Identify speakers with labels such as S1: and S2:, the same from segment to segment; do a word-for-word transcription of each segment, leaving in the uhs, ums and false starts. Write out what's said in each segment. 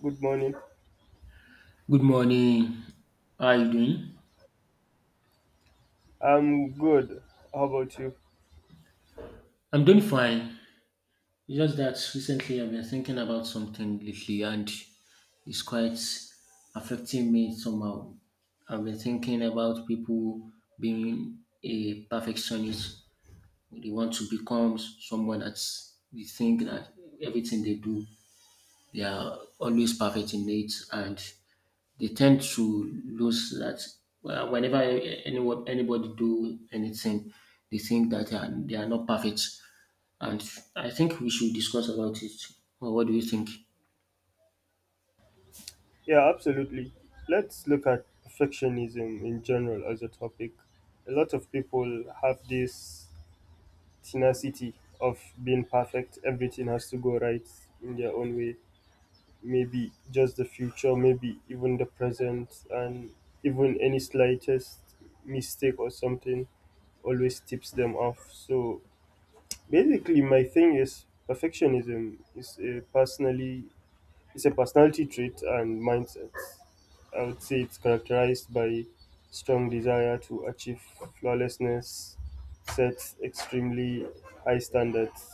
S1: Good morning.
S2: Good morning. How are you doing?
S1: I'm good. How about you?
S2: I'm doing fine. It's just that recently I've been thinking about something lately, and it's quite affecting me somehow. I've been thinking about people being a perfectionist. They want to become someone that's they think that everything they do, they are always perfect in it, and they tend to lose that. Well, whenever anyone, anybody do anything, they think that they are, they are not perfect. And I think we should discuss about it. Well, what do you think?
S1: Yeah, absolutely. Let's look at perfectionism in general as a topic. A lot of people have this tenacity of being perfect. Everything has to go right in their own way. Maybe just the future, maybe even the present, and even any slightest mistake or something always tips them off. So basically, my thing is perfectionism. Is a personally It's a personality trait and mindset. I would say it's characterized by strong desire to achieve flawlessness, set extremely high standards.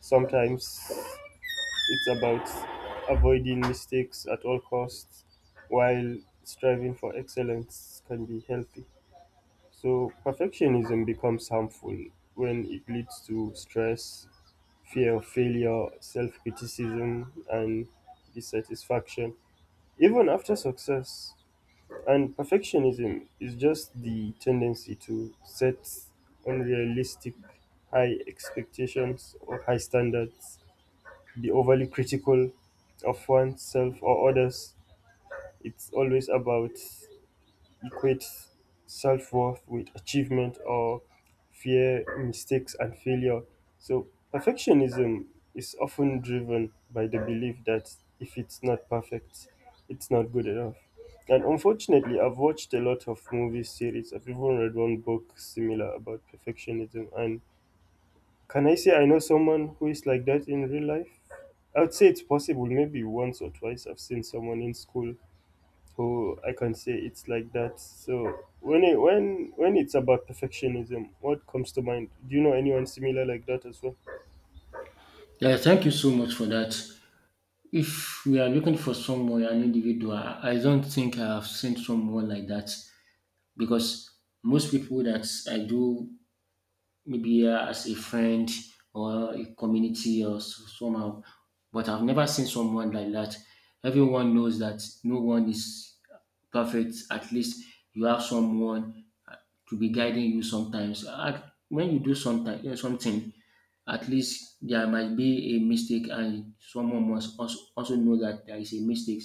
S1: Sometimes it's about avoiding mistakes at all costs, while striving for excellence can be healthy. So perfectionism becomes harmful when it leads to stress, fear of failure, self criticism, and dissatisfaction. Even after success, and perfectionism is just the tendency to set unrealistic high expectations or high standards, be overly critical of oneself or others. It's always about equates self-worth with achievement or fear mistakes and failure. So perfectionism is often driven by the belief that if it's not perfect, it's not good enough. And unfortunately, I've watched a lot of movie series. I've even read one book similar about perfectionism. And can I say I know someone who is like that in real life? I would say it's possible. Maybe once or twice I've seen someone in school. Oh, I can say it's like that. So when it, when when it's about perfectionism, what comes to mind? Do you know anyone similar like that as well?
S2: Yeah, thank you so much for that. If we are looking for someone, an individual, I don't think I have seen someone like that, because most people that I do, maybe uh, as a friend or a community or so- somehow. But I've never seen someone like that. Everyone knows that no one is perfect. At least you have someone uh, to be guiding you sometimes. At- When you do sometime, eh, something, at least there might be a mistake, and someone must also also know that there is a mistake.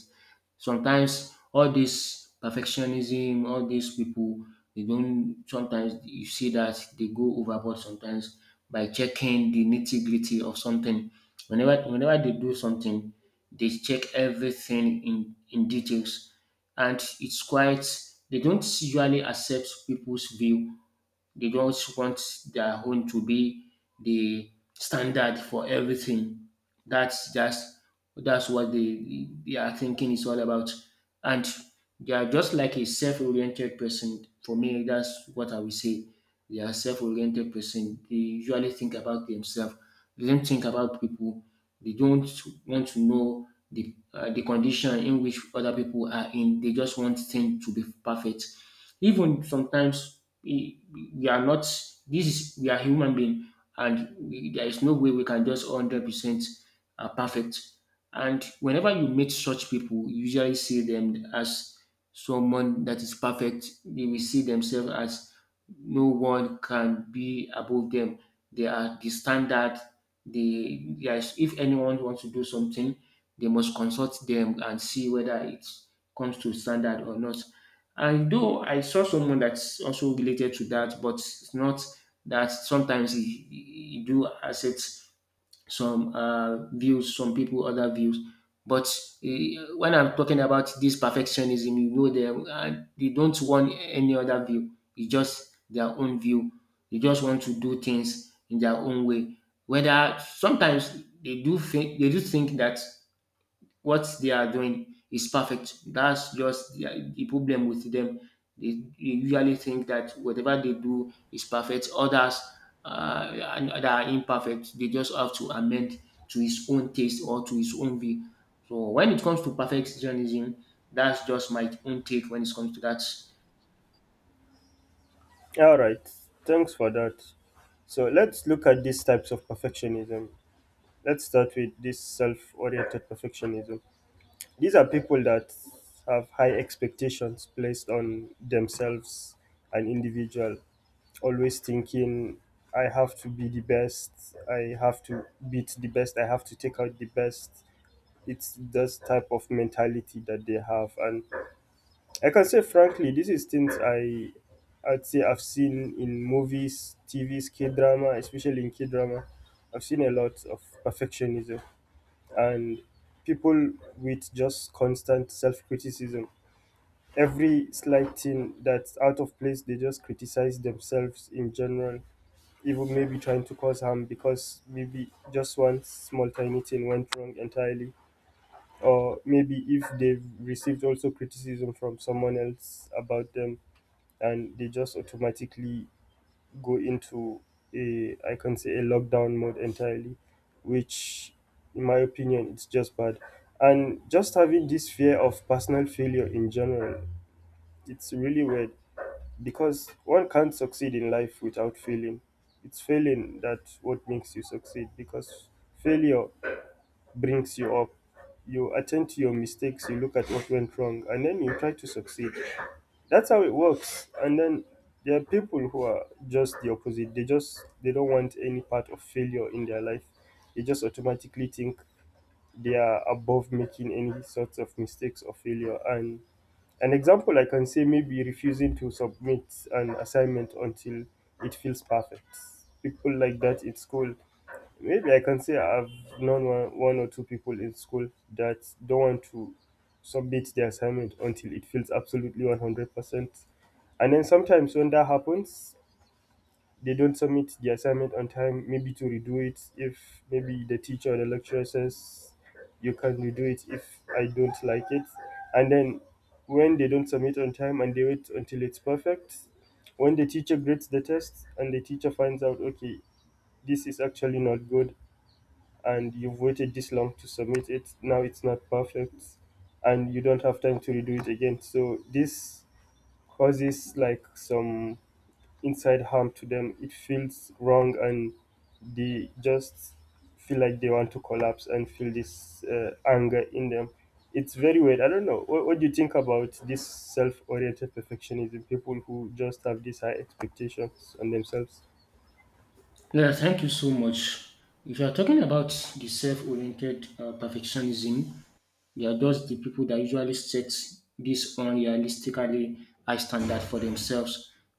S2: Sometimes all this perfectionism, all these people, they don't sometimes you see that they go overboard sometimes by checking the nitty-gritty of something. Whenever whenever they do something, they check everything in, in details. And it's quite, they don't usually accept people's view. They just want their own to be the standard for everything. That's just that's what they they are thinking is all about, and they are just like a self-oriented person. For me, that's what I will say. They are self-oriented person. They usually think about themselves. They don't think about people. They don't want to know the uh, the condition in which other people are in. They just want things to be perfect. Even sometimes, we we are not, this is, we are human being, and we, there is no way we can just one hundred percent are perfect. And whenever you meet such people, you usually see them as someone that is perfect. They will see themselves as no one can be above them. They are the standard. They yes, if anyone wants to do something, they must consult them and see whether it comes to standard or not. I do. I saw someone that's also related to that, but it's not that sometimes he, he he do accept some uh, views, some people other views. But uh, when I'm talking about this perfectionism, you know, they uh, they don't want any other view. It's just their own view. They just want to do things in their own way. Whether sometimes they do think they do think that what they are doing is perfect. That's just the, the problem with them. They, they usually think that whatever they do is perfect. Others uh, and that are imperfect, they just have to amend to his own taste or to his own view. So when it comes to perfectionism, that's just my own take when it comes to that.
S1: All right, thanks for that. So let's look at these types of perfectionism. Let's start with this self-oriented perfectionism. These are people that have high expectations placed on themselves, an individual, always thinking, I have to be the best, I have to beat the best, I have to take out the best. It's this type of mentality that they have. And I can say, frankly, this is things i i'd say I've seen in movies, TVs, K drama, especially in K drama. I've seen a lot of perfectionism and people with just constant self-criticism. Every slight thing that's out of place, they just criticize themselves in general, even maybe trying to cause harm because maybe just one small tiny thing went wrong entirely, or maybe if they've received also criticism from someone else about them. And they just automatically go into, a I can say, a lockdown mode entirely, which in my opinion it's just bad. And just having this fear of personal failure in general, it's really weird, because one can't succeed in life without failing. It's failing that what makes you succeed, because failure brings you up. You attend to your mistakes, you look at what went wrong, and then you try to succeed. That's how it works. And then there are people who are just the opposite. They just they don't want any part of failure in their life. They just automatically think they are above making any sorts of mistakes or failure. And an example I can say, maybe refusing to submit an assignment until it feels perfect. People like that in school. Maybe I can say I've known one, one or two people in school that don't want to submit the assignment until it feels absolutely one hundred percent. And then sometimes when that happens, they don't submit the assignment on time, maybe to redo it if maybe the teacher or the lecturer says you can redo it if I don't like it. And then when they don't submit on time and they wait until it's perfect, when the teacher grades the test and the teacher finds out, okay, this is actually not good, and you've waited this long to submit it, now it's not perfect and you don't have time to redo it again, so this causes like some inside harm to them. It feels wrong, and they just feel like they want to collapse and feel this uh, anger in them. It's very weird. I don't know what, what do you think about this self-oriented perfectionism, people who just have these high expectations on themselves?
S2: Yeah, thank you so much. If you are talking about the self-oriented uh, perfectionism, they are just the people that usually set this unrealistically high standard for themselves.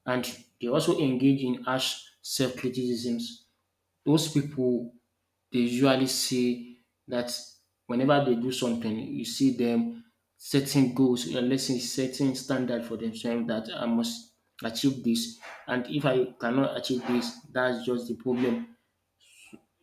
S2: And they also engage in harsh self criticisms. Those people, they usually say that whenever they do something, you see them setting goals, uh, let's say setting standard for themselves that I must achieve this. And if I cannot achieve this, that's just the problem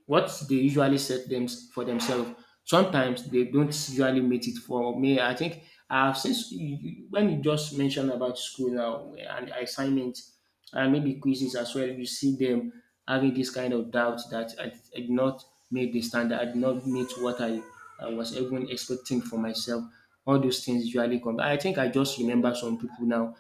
S2: what they usually set them for themselves. Sometimes they don't usually meet it. For me, I think, uh, since you, you- when you just mentioned about school now and assignments and maybe quizzes as well, you see them having this kind of doubt that I, I did not meet the standard, I did not meet what I, I was even expecting for myself. All those things usually come. I think I just remember some people now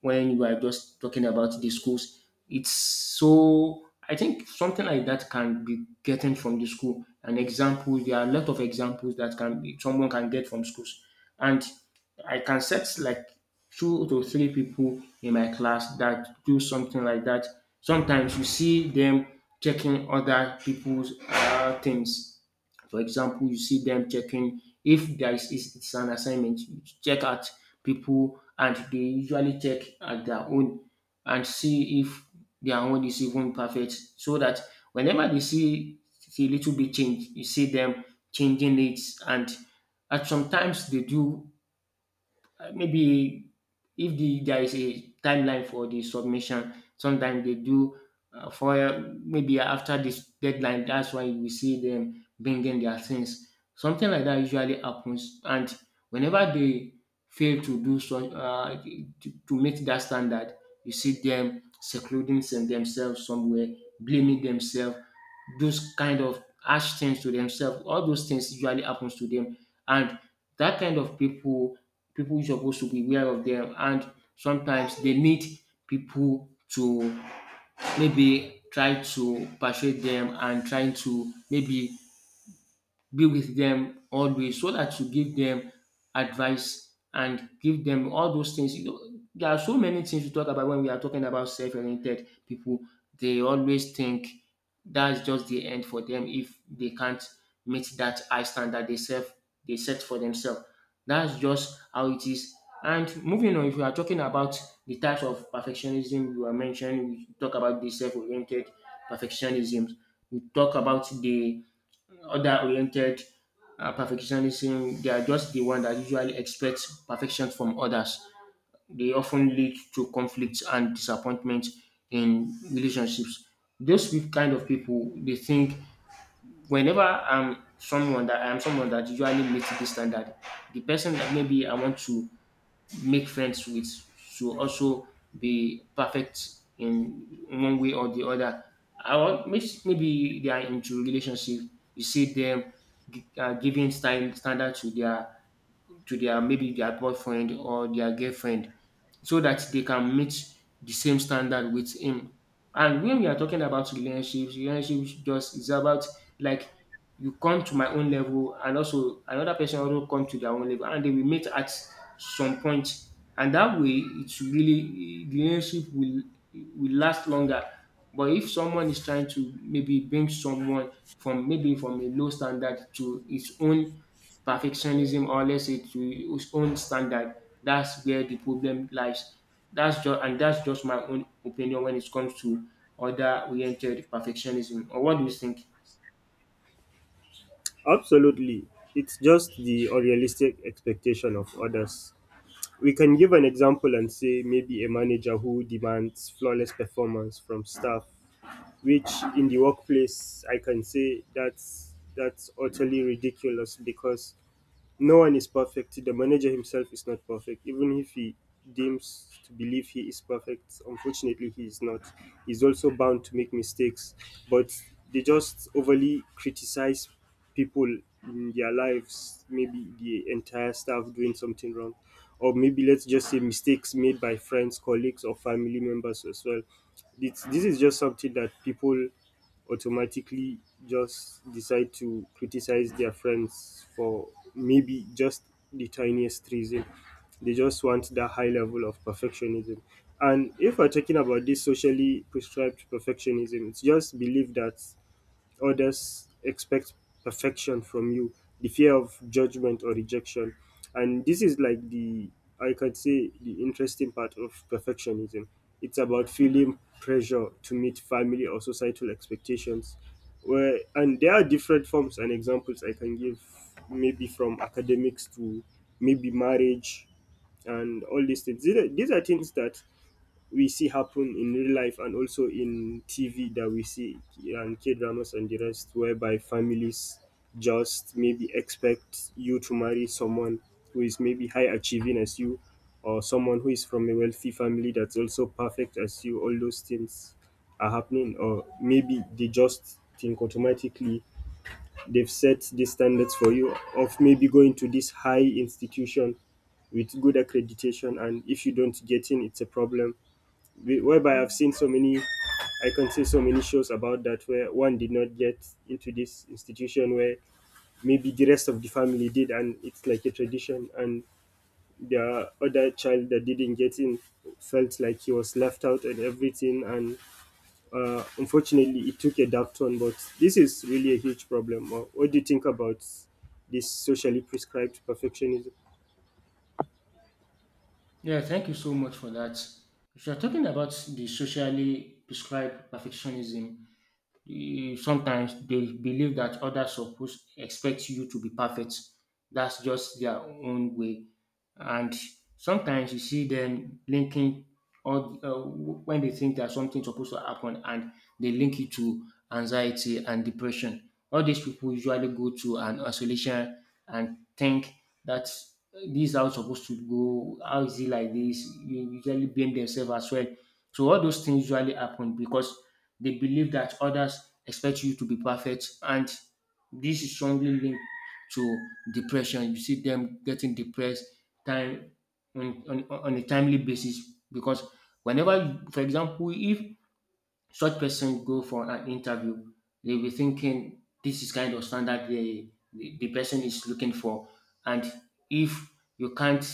S2: when we are just talking about the schools. It's, so I think something like that can be getting from the school. An example, there are a lot of examples that can be someone can get from schools. And I can set like two to three people in my class that do something like that. Sometimes you see them checking other people's uh, things. For example, you see them checking if there is, is it's an assignment, you check out people and they usually check at their own and see if their own is even perfect, so that whenever they see a little bit change, you see them changing it. And at sometimes they do, uh, maybe if the there is a timeline for the submission, sometimes they do, uh, for maybe after this deadline. That's why we see them bringing their things. Something like that usually happens, and whenever they fail to do so, uh, to, to meet that standard, you see them secluding some- themselves somewhere, blaming themselves, those kind of harsh things to themselves. All those things usually happens to them, and that kind of people, people supposed to be aware of them, and sometimes they need people to maybe try to persuade them, and trying to maybe be with them always so that you give them advice and give them all those things. You know, there are so many things we talk about when we are talking about self-oriented people. They always think that's just the end for them if they can't meet that high standard they self they set for themselves. That's just how it is. And moving on, if we are talking about the types of perfectionism you are mentioning, we talk about the self-oriented perfectionism. We talk about the other oriented uh, perfectionism. They are just the one that usually expects perfection from others. They often lead to conflicts and disappointment in relationships. Those pe- kind of people, they think, whenever I'm someone that I'm someone that usually meets this standard, the person that maybe I want to make friends with should also be perfect in one way or the other. I want, may- maybe they are into relationship. You see them gi- uh, giving stand, standard to their to their maybe their boyfriend or their girlfriend, so that they can meet the same standard with him. And when we are talking about relationships, relationships just is about, like, you come to my own level, and also another person also come to their own level, and they will meet at some point. And that way, it's really the relationship will will last longer. But if someone is trying to maybe bring someone from maybe from a low standard to its own perfectionism, or let's say to its own standard, that's where the problem lies. That's just and that's just my own opinion when it comes to other oriented perfectionism. Or what do you think?
S1: Absolutely. It's just the unrealistic expectation of others. We can give an example and say maybe a manager who demands flawless performance from staff, which in the workplace I can say that's that's utterly ridiculous because no one is perfect. The manager himself is not perfect. Even if he deems to believe he is perfect, unfortunately, he is not. He's also bound to make mistakes. But they just overly criticize people in their lives, maybe the entire staff doing something wrong. Or maybe let's just say mistakes made by friends, colleagues, or family members as well. It's, this is just something that people automatically just decide to criticize their friends for, maybe just the tiniest reason. They just want that high level of perfectionism. And if we're talking about this socially prescribed perfectionism, it's just belief that others expect perfection from you, the fear of judgment or rejection. And this is like the, I could say, the interesting part of perfectionism. It's about feeling pressure to meet family or societal expectations. Where, and there are different forms and examples I can give, maybe from academics to maybe marriage and all these things. These are, these are things that we see happen in real life and also in T V, that we see, and K dramas and the rest, whereby families just maybe expect you to marry someone who is maybe high achieving as you, or someone who is from a wealthy family that's also perfect as you. All those things are happening, or maybe they just think automatically they've set the standards for you of maybe going to this high institution with good accreditation, and if you don't get in, it's a problem, whereby I've seen so many, I can say so many shows about that, where one did not get into this institution where maybe the rest of the family did, and it's like a tradition, and the other child that didn't get in felt like he was left out and everything, and uh, unfortunately, it took a dark turn. But this is really a huge problem. Uh, What do you think about this socially prescribed perfectionism?
S2: Yeah, thank you so much for that. If you're talking about the socially prescribed perfectionism, e- sometimes they believe that others suppose expect you to be perfect. That's just their own way. And sometimes you see them linking all, uh, when they think that something's supposed to happen, and they link it to anxiety and depression. All these people usually go to an isolation and think that, uh, this is how it's supposed to go. How is it like this? You usually blame themselves as well. So all those things usually happen because they believe that others expect you to be perfect, and this is strongly linked to depression. You see them getting depressed time on, on, on a timely basis, because whenever, for example, if such person go for an interview, they'll be thinking this is kind of standard the, the, the person is looking for. And if you can't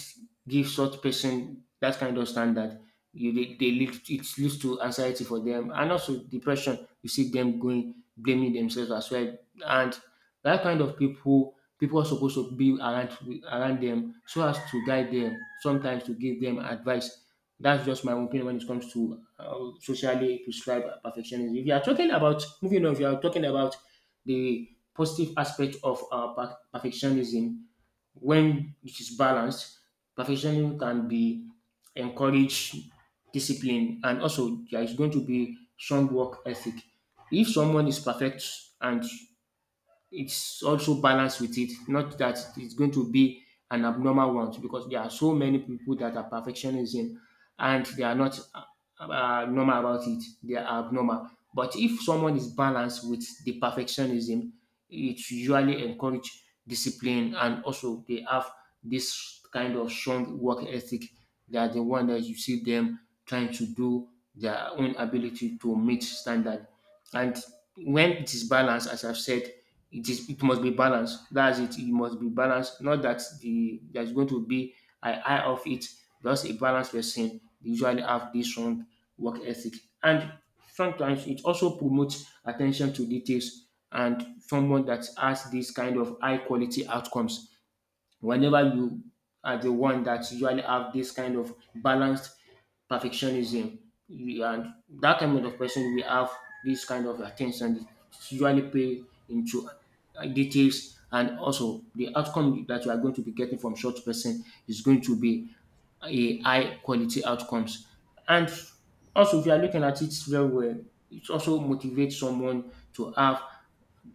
S2: give such person that kind of standard, you they, they lead, it leads to anxiety for them and also depression. You see them going blaming themselves as well. And that kind of people people are supposed to be around around them, so as to guide them, sometimes to give them advice. That's just my opinion when it comes to um, socially prescribed perfectionism. If you are talking about, moving on, if you are talking about the positive aspect of uh, per- perfectionism, when it is balanced, perfectionism can be encouraged, discipline, and also there is going to be strong work ethic. If someone is perfect and it's also balanced with it, not that it's going to be an abnormal one, because there are so many people that are perfectionism and they are not uh, uh, normal about it. They are abnormal. But if someone is balanced with the perfectionism, it usually encourage discipline, and also they have this kind of strong work ethic. They are the one that you see them trying to do their own ability to meet standard. And when it is balanced, as I've said, it is it must be balanced. That's it. It must be balanced. Not that the there's going to be an eye of it. Just a balanced person usually have this strong work ethic. And sometimes it also promotes attention to details and someone that has this kind of high quality outcomes whenever you are the one that usually have this kind of balanced perfectionism you- and that kind of person will have this kind of attention usually pay into uh, details, and also the outcome that you are going to be getting from such person is going to be a high quality outcomes. And also, if you are looking at it very well, it also motivates someone to have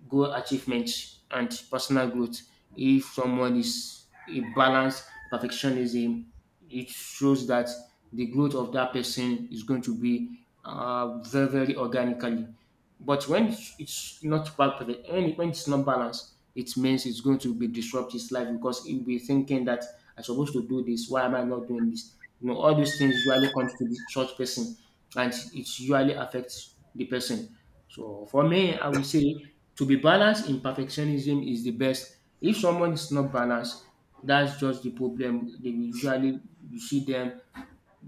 S2: goal achievement and personal growth. If someone is a balanced perfectionism, it shows that the growth of that person is going to be uh, very, very organically. But when it's not quite perfect, when when it's not balanced, it means it's going to be disrupt his life, because he'll be thinking that I'm supposed to do this. Why am I not doing this? You know, all those things usually comes to the church person, and it usually affects the person. So for me, I will say to be balanced in perfectionism is the best. If someone is not balanced, that's just the problem. They usually, you see them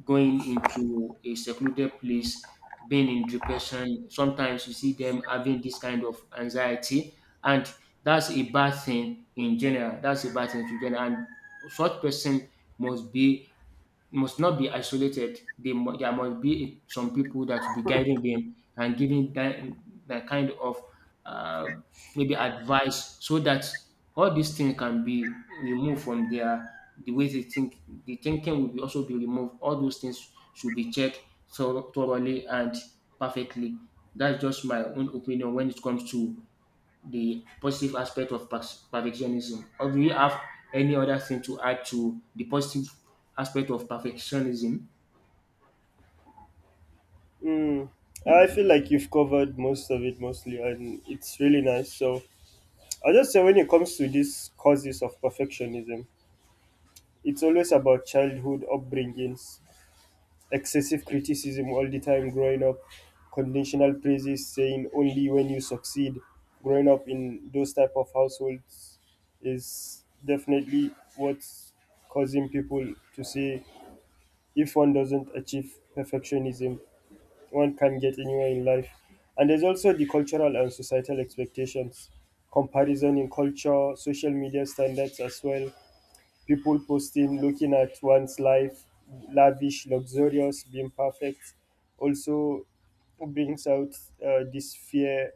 S2: going into a secluded place, being in depression. Sometimes you see them having this kind of anxiety, and that's a bad thing in general. That's a bad thing in general. And such person must be must not be isolated. They, mu- there must be some people that will be guiding them and giving them that kind of uh, maybe advice, so that all these things can be removed from their the way they think. The thinking will be also be removed. All those things should be checked thorough- thoroughly and perfectly. That's just my own opinion when it comes to the positive aspect of pers- perfectionism. Or do you have any other thing to add to the positive aspect of perfectionism?
S1: Mm, I feel like you've covered most of it mostly, and it's really nice. So I just say, when it comes to these causes of perfectionism, it's always about childhood upbringings, excessive criticism all the time growing up, conditional praises saying only when you succeed. Growing up in those type of households is definitely what's causing people to say if one doesn't achieve perfectionism, one can get anywhere in life. And there's also the cultural and societal expectations, comparison in culture, social media standards as well. People posting, looking at one's life, lavish, luxurious, being perfect, also brings out uh, this fear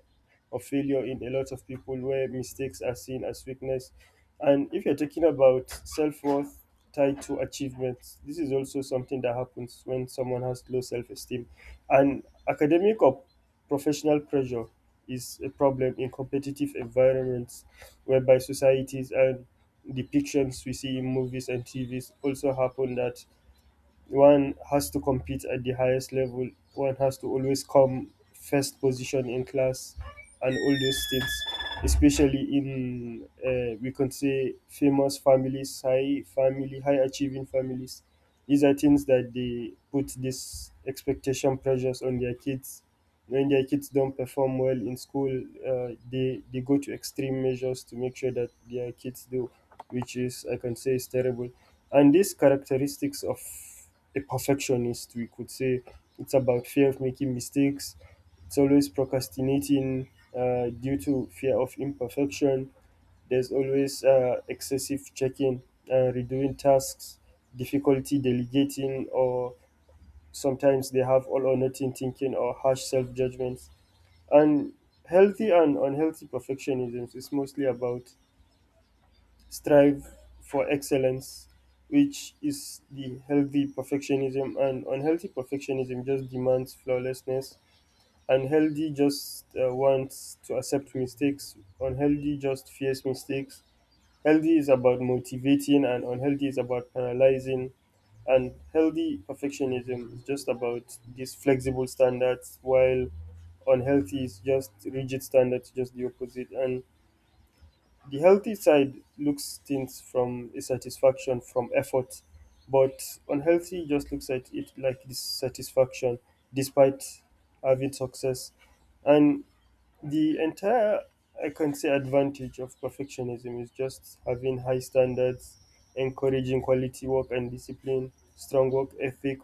S1: of failure in a lot of people, where mistakes are seen as weakness. And if you're talking about self worth tied to achievements, this is also something that happens when someone has low self esteem. And academic or professional pressure is a problem in competitive environments, whereby societies and depictions we see in movies and T Vs also happen, that one has to compete at the highest level, one has to always come first position in class and all those things, especially in, uh, we can say, famous families, high family, high achieving families. These are things that they put this expectation pressures on their kids. When their kids don't perform well in school, uh, they, they go to extreme measures to make sure that their kids do, which is, I can say, is terrible. And these characteristics of a perfectionist, we could say. It's about fear of making mistakes. It's always procrastinating uh, due to fear of imperfection. There's always uh, excessive checking, uh, redoing tasks, difficulty delegating, or sometimes they have all or nothing thinking or harsh self judgments. And healthy and unhealthy perfectionism is mostly about strive for excellence, which is the healthy perfectionism, and unhealthy perfectionism just demands flawlessness. Unhealthy just uh, wants to accept mistakes, unhealthy just fears mistakes. Healthy is about motivating, and unhealthy is about analyzing. And healthy perfectionism is just about these flexible standards, while unhealthy is just rigid standards, just the opposite. And the healthy side looks things from a satisfaction from effort, but unhealthy just looks at it like dissatisfaction despite having success. And the entire, I can say, advantage of perfectionism is just having high standards, encouraging quality work and discipline, strong work ethic.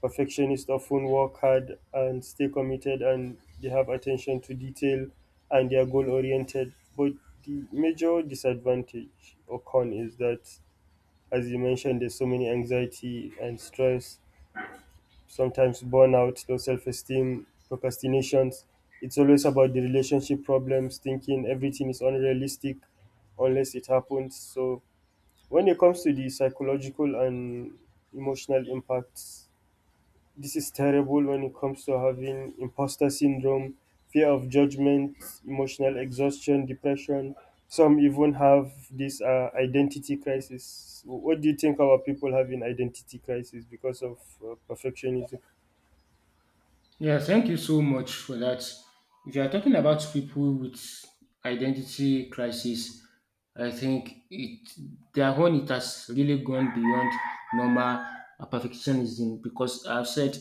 S1: Perfectionists often work hard and stay committed, and they have attention to detail and they are goal oriented. But the major disadvantage or con is that, as you mentioned, there's so many anxiety and stress, sometimes burnout, low self esteem, procrastinations. It's always about the relationship problems, thinking everything is unrealistic unless it happens. So, when it comes to the psychological and emotional impacts, this is terrible when it comes to having imposter syndrome, fear of judgment, emotional exhaustion, depression. Some even have this uh, identity crisis. What do you think about people having identity crisis because of uh, perfectionism?
S2: Yeah, thank you so much for that. If you are talking about people with identity crisis, I think it their own, it has really gone beyond normal uh, perfectionism, because I've said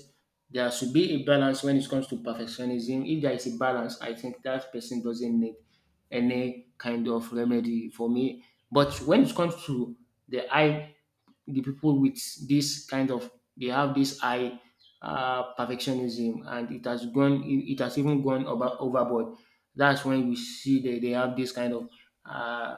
S2: there should be a balance when it comes to perfectionism. If there is a balance, I think that person doesn't need any kind of remedy for me. But when it comes to the high the people with this kind of, they have this high uh, perfectionism and it has gone it it has even gone over, overboard. That's when you see that they have this kind of uh,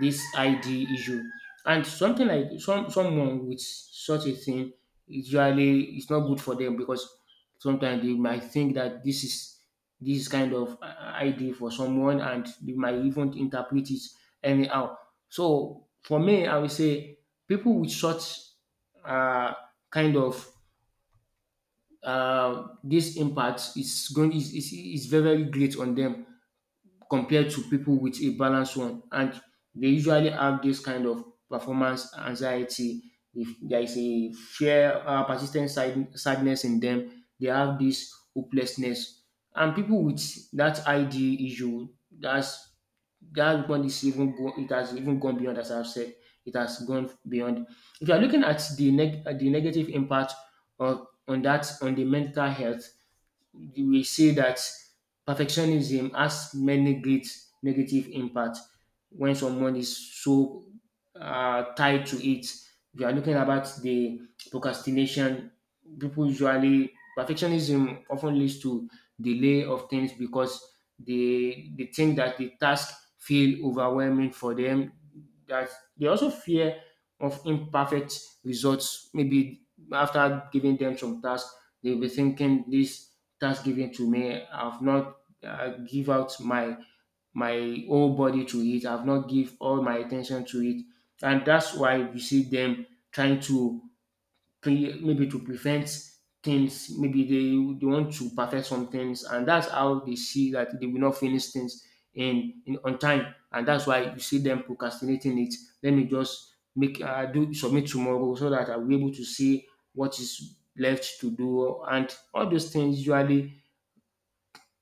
S2: this I D issue. And something like some someone with such a thing usually, it's not good for them, because sometimes they might think that this is this kind of uh, I D for someone, and they might even interpret it anyhow. So for me, I would say people with such uh, kind of uh, this impact is going is, is, is very, very great on them compared to people with a balanced one. And they usually have this kind of performance anxiety. If there is a fear, uh, persistent sad- sadness in them, they have this hopelessness. And people with that I D issue, that's that one is even go, it has even gone beyond as I've said. It has gone beyond. If you are looking at the neg- uh, the negative impact on on that on the mental health, we see that perfectionism has many great negative impact when someone is so uh, tied to it. If you are looking about the procrastination. People usually perfectionism often leads to delay of things, because they they think that the task feel overwhelming for them. That they also fear of imperfect results. Maybe after giving them some tasks, they'll be thinking this that's given to me. I've not uh, give out my my whole body to it. I've not give all my attention to it, and that's why you see them trying to pre- maybe to prevent things. Maybe they they want to perfect some things, and that's how they see that they will not finish things in, in on time, and that's why you see them procrastinating it. Let me just make uh, do submit tomorrow, so that I'll be able to see what is left to do. And all those things usually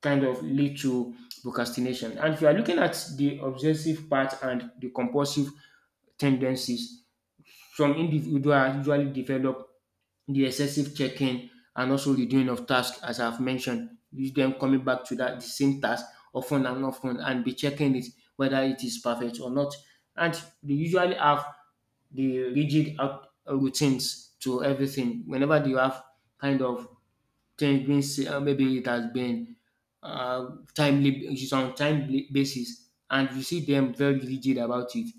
S2: kind of lead to procrastination. And if you are looking at the obsessive part and the compulsive tendencies, some individuals usually develop the excessive checking and also the doing of tasks, as I've mentioned, with them coming back to that the same task often and often and be checking it whether it is perfect or not. And they usually have the rigid out- routines to everything. Whenever they have kind of change, means uh, maybe it has been uh, timely, it's on timely basis, and you see them very rigid about it,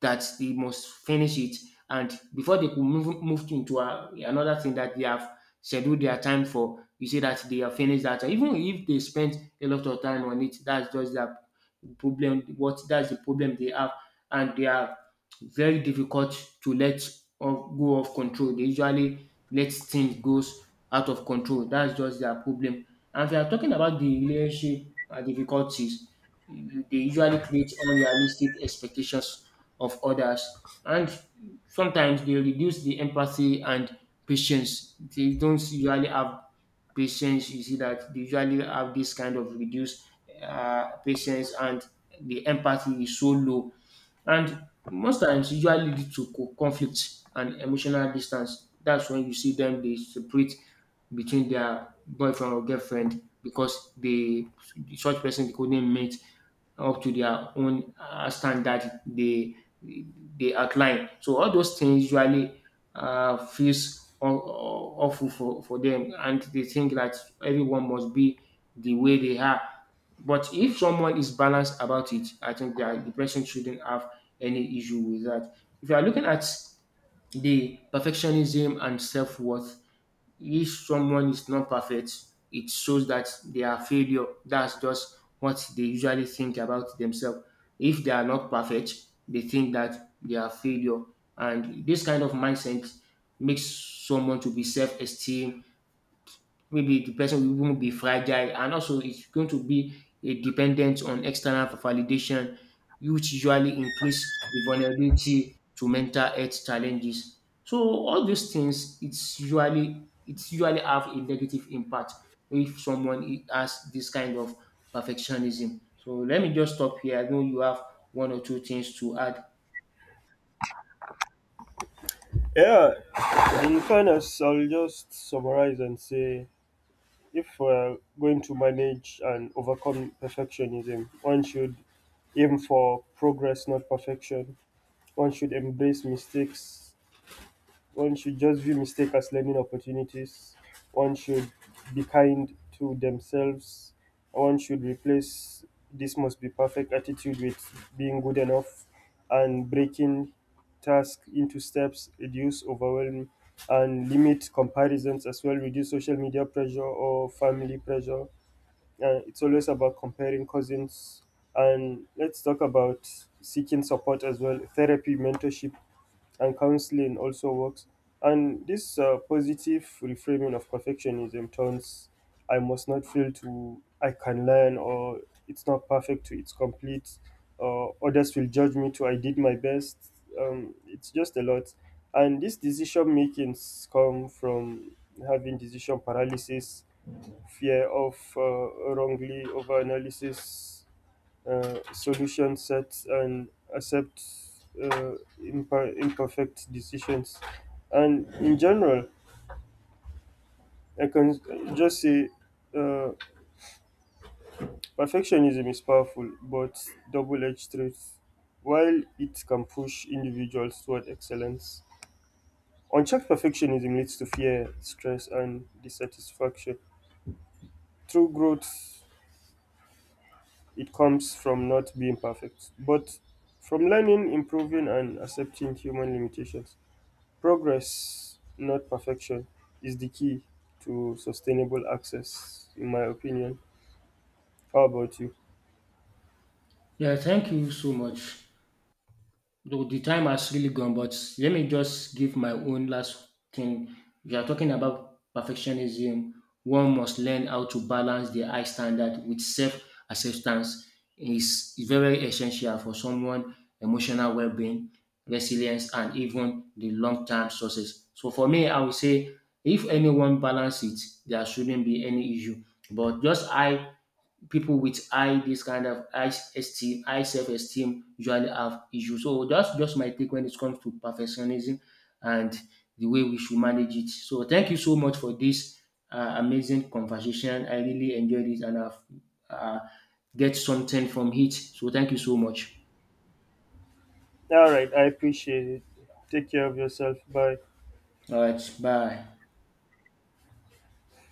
S2: that they must finish it. And before they could move, move into a, another thing that they have scheduled their time for, you see that they have finished that. Even if they spent a lot of time on it, that's just their problem. What that's the problem they have, and they are very difficult to let off, go off control. They usually let things goes out of control. That's just their problem. And if you are talking about the relationship uh, difficulties, you- they usually create unrealistic expectations of others. And sometimes they reduce the empathy and patience. They don't usually have patience. You see that they usually have this kind of reduced uh, patience, and the empathy is so low. And most times usually lead to co- conflict and emotional distance. That's when you see them they separate between their boyfriend or girlfriend, because they such person, they couldn't meet up to their own uh, standard they they outline. So all those things usually uh, feels aw- awful for, for them, and they think that everyone must be the way they are. But if someone is balanced about it, I think that the person shouldn't have any issue with that. If you are looking at the perfectionism and self worth, if someone is not perfect, it shows that they are failure. That's just what they usually think about themselves. If they are not perfect, they think that they are failure. And this kind of mindset makes someone to be self-esteem, maybe the person won't be fragile, and also it's going to be a dependent on external validation, which usually increase the vulnerability to mental health challenges. So all these things, it's usually it's usually have a negative impact if someone i- has this kind of perfectionism. So let me just stop here. I know you have one or two things to add.
S1: Yeah, in fairness, I'll just summarize and say, if we're going to manage and overcome perfectionism, one should aim for progress, not perfection. One should embrace mistakes. One should just view mistakes as learning opportunities. One should be kind to themselves. One should replace this must be perfect attitude with being good enough, and breaking tasks into steps, reduce overwhelm, and limit comparisons as well, reduce social media pressure or family pressure. Uh, it's always about comparing cousins. And let's talk about seeking support as well, therapy, mentorship, and counseling also works. And this uh, positive reframing of perfectionism turns I must not fail to I can learn, or it's not perfect to it's complete, or others will judge me to I did my best. Um, it's just a lot. And this decision makings come from having decision paralysis, fear of uh, wrongly over analysis, uh, solution sets, and accept uh, imper- imperfect decisions. And in general, I can just say uh, perfectionism is powerful but double edged truth, while it can push individuals toward excellence. Unchecked perfectionism leads to fear, stress, and dissatisfaction. True growth, it comes from not being perfect, but from learning, improving, and accepting human limitations. Progress, not perfection, is the key to sustainable access, in my opinion. How about you?
S2: Yeah, thank you so much. Though the time has really gone, but let me just give my own last thing. We are talking about perfectionism. One must learn how to balance the high standard with self-acceptance. Is very essential for someone emotional well-being, resilience, and even the long-term success. So for me, I would say if anyone balance it, there shouldn't be any issue. But just I people with high this kind of high esteem, high self-esteem usually have issues. So that's just my take when it comes to perfectionism and the way we should manage it. So thank you so much for this uh, amazing conversation. I really enjoyed it, and I've uh, get something from it. So thank you so much.
S1: All right, I appreciate it. Take care of yourself. Bye.
S2: All right, bye.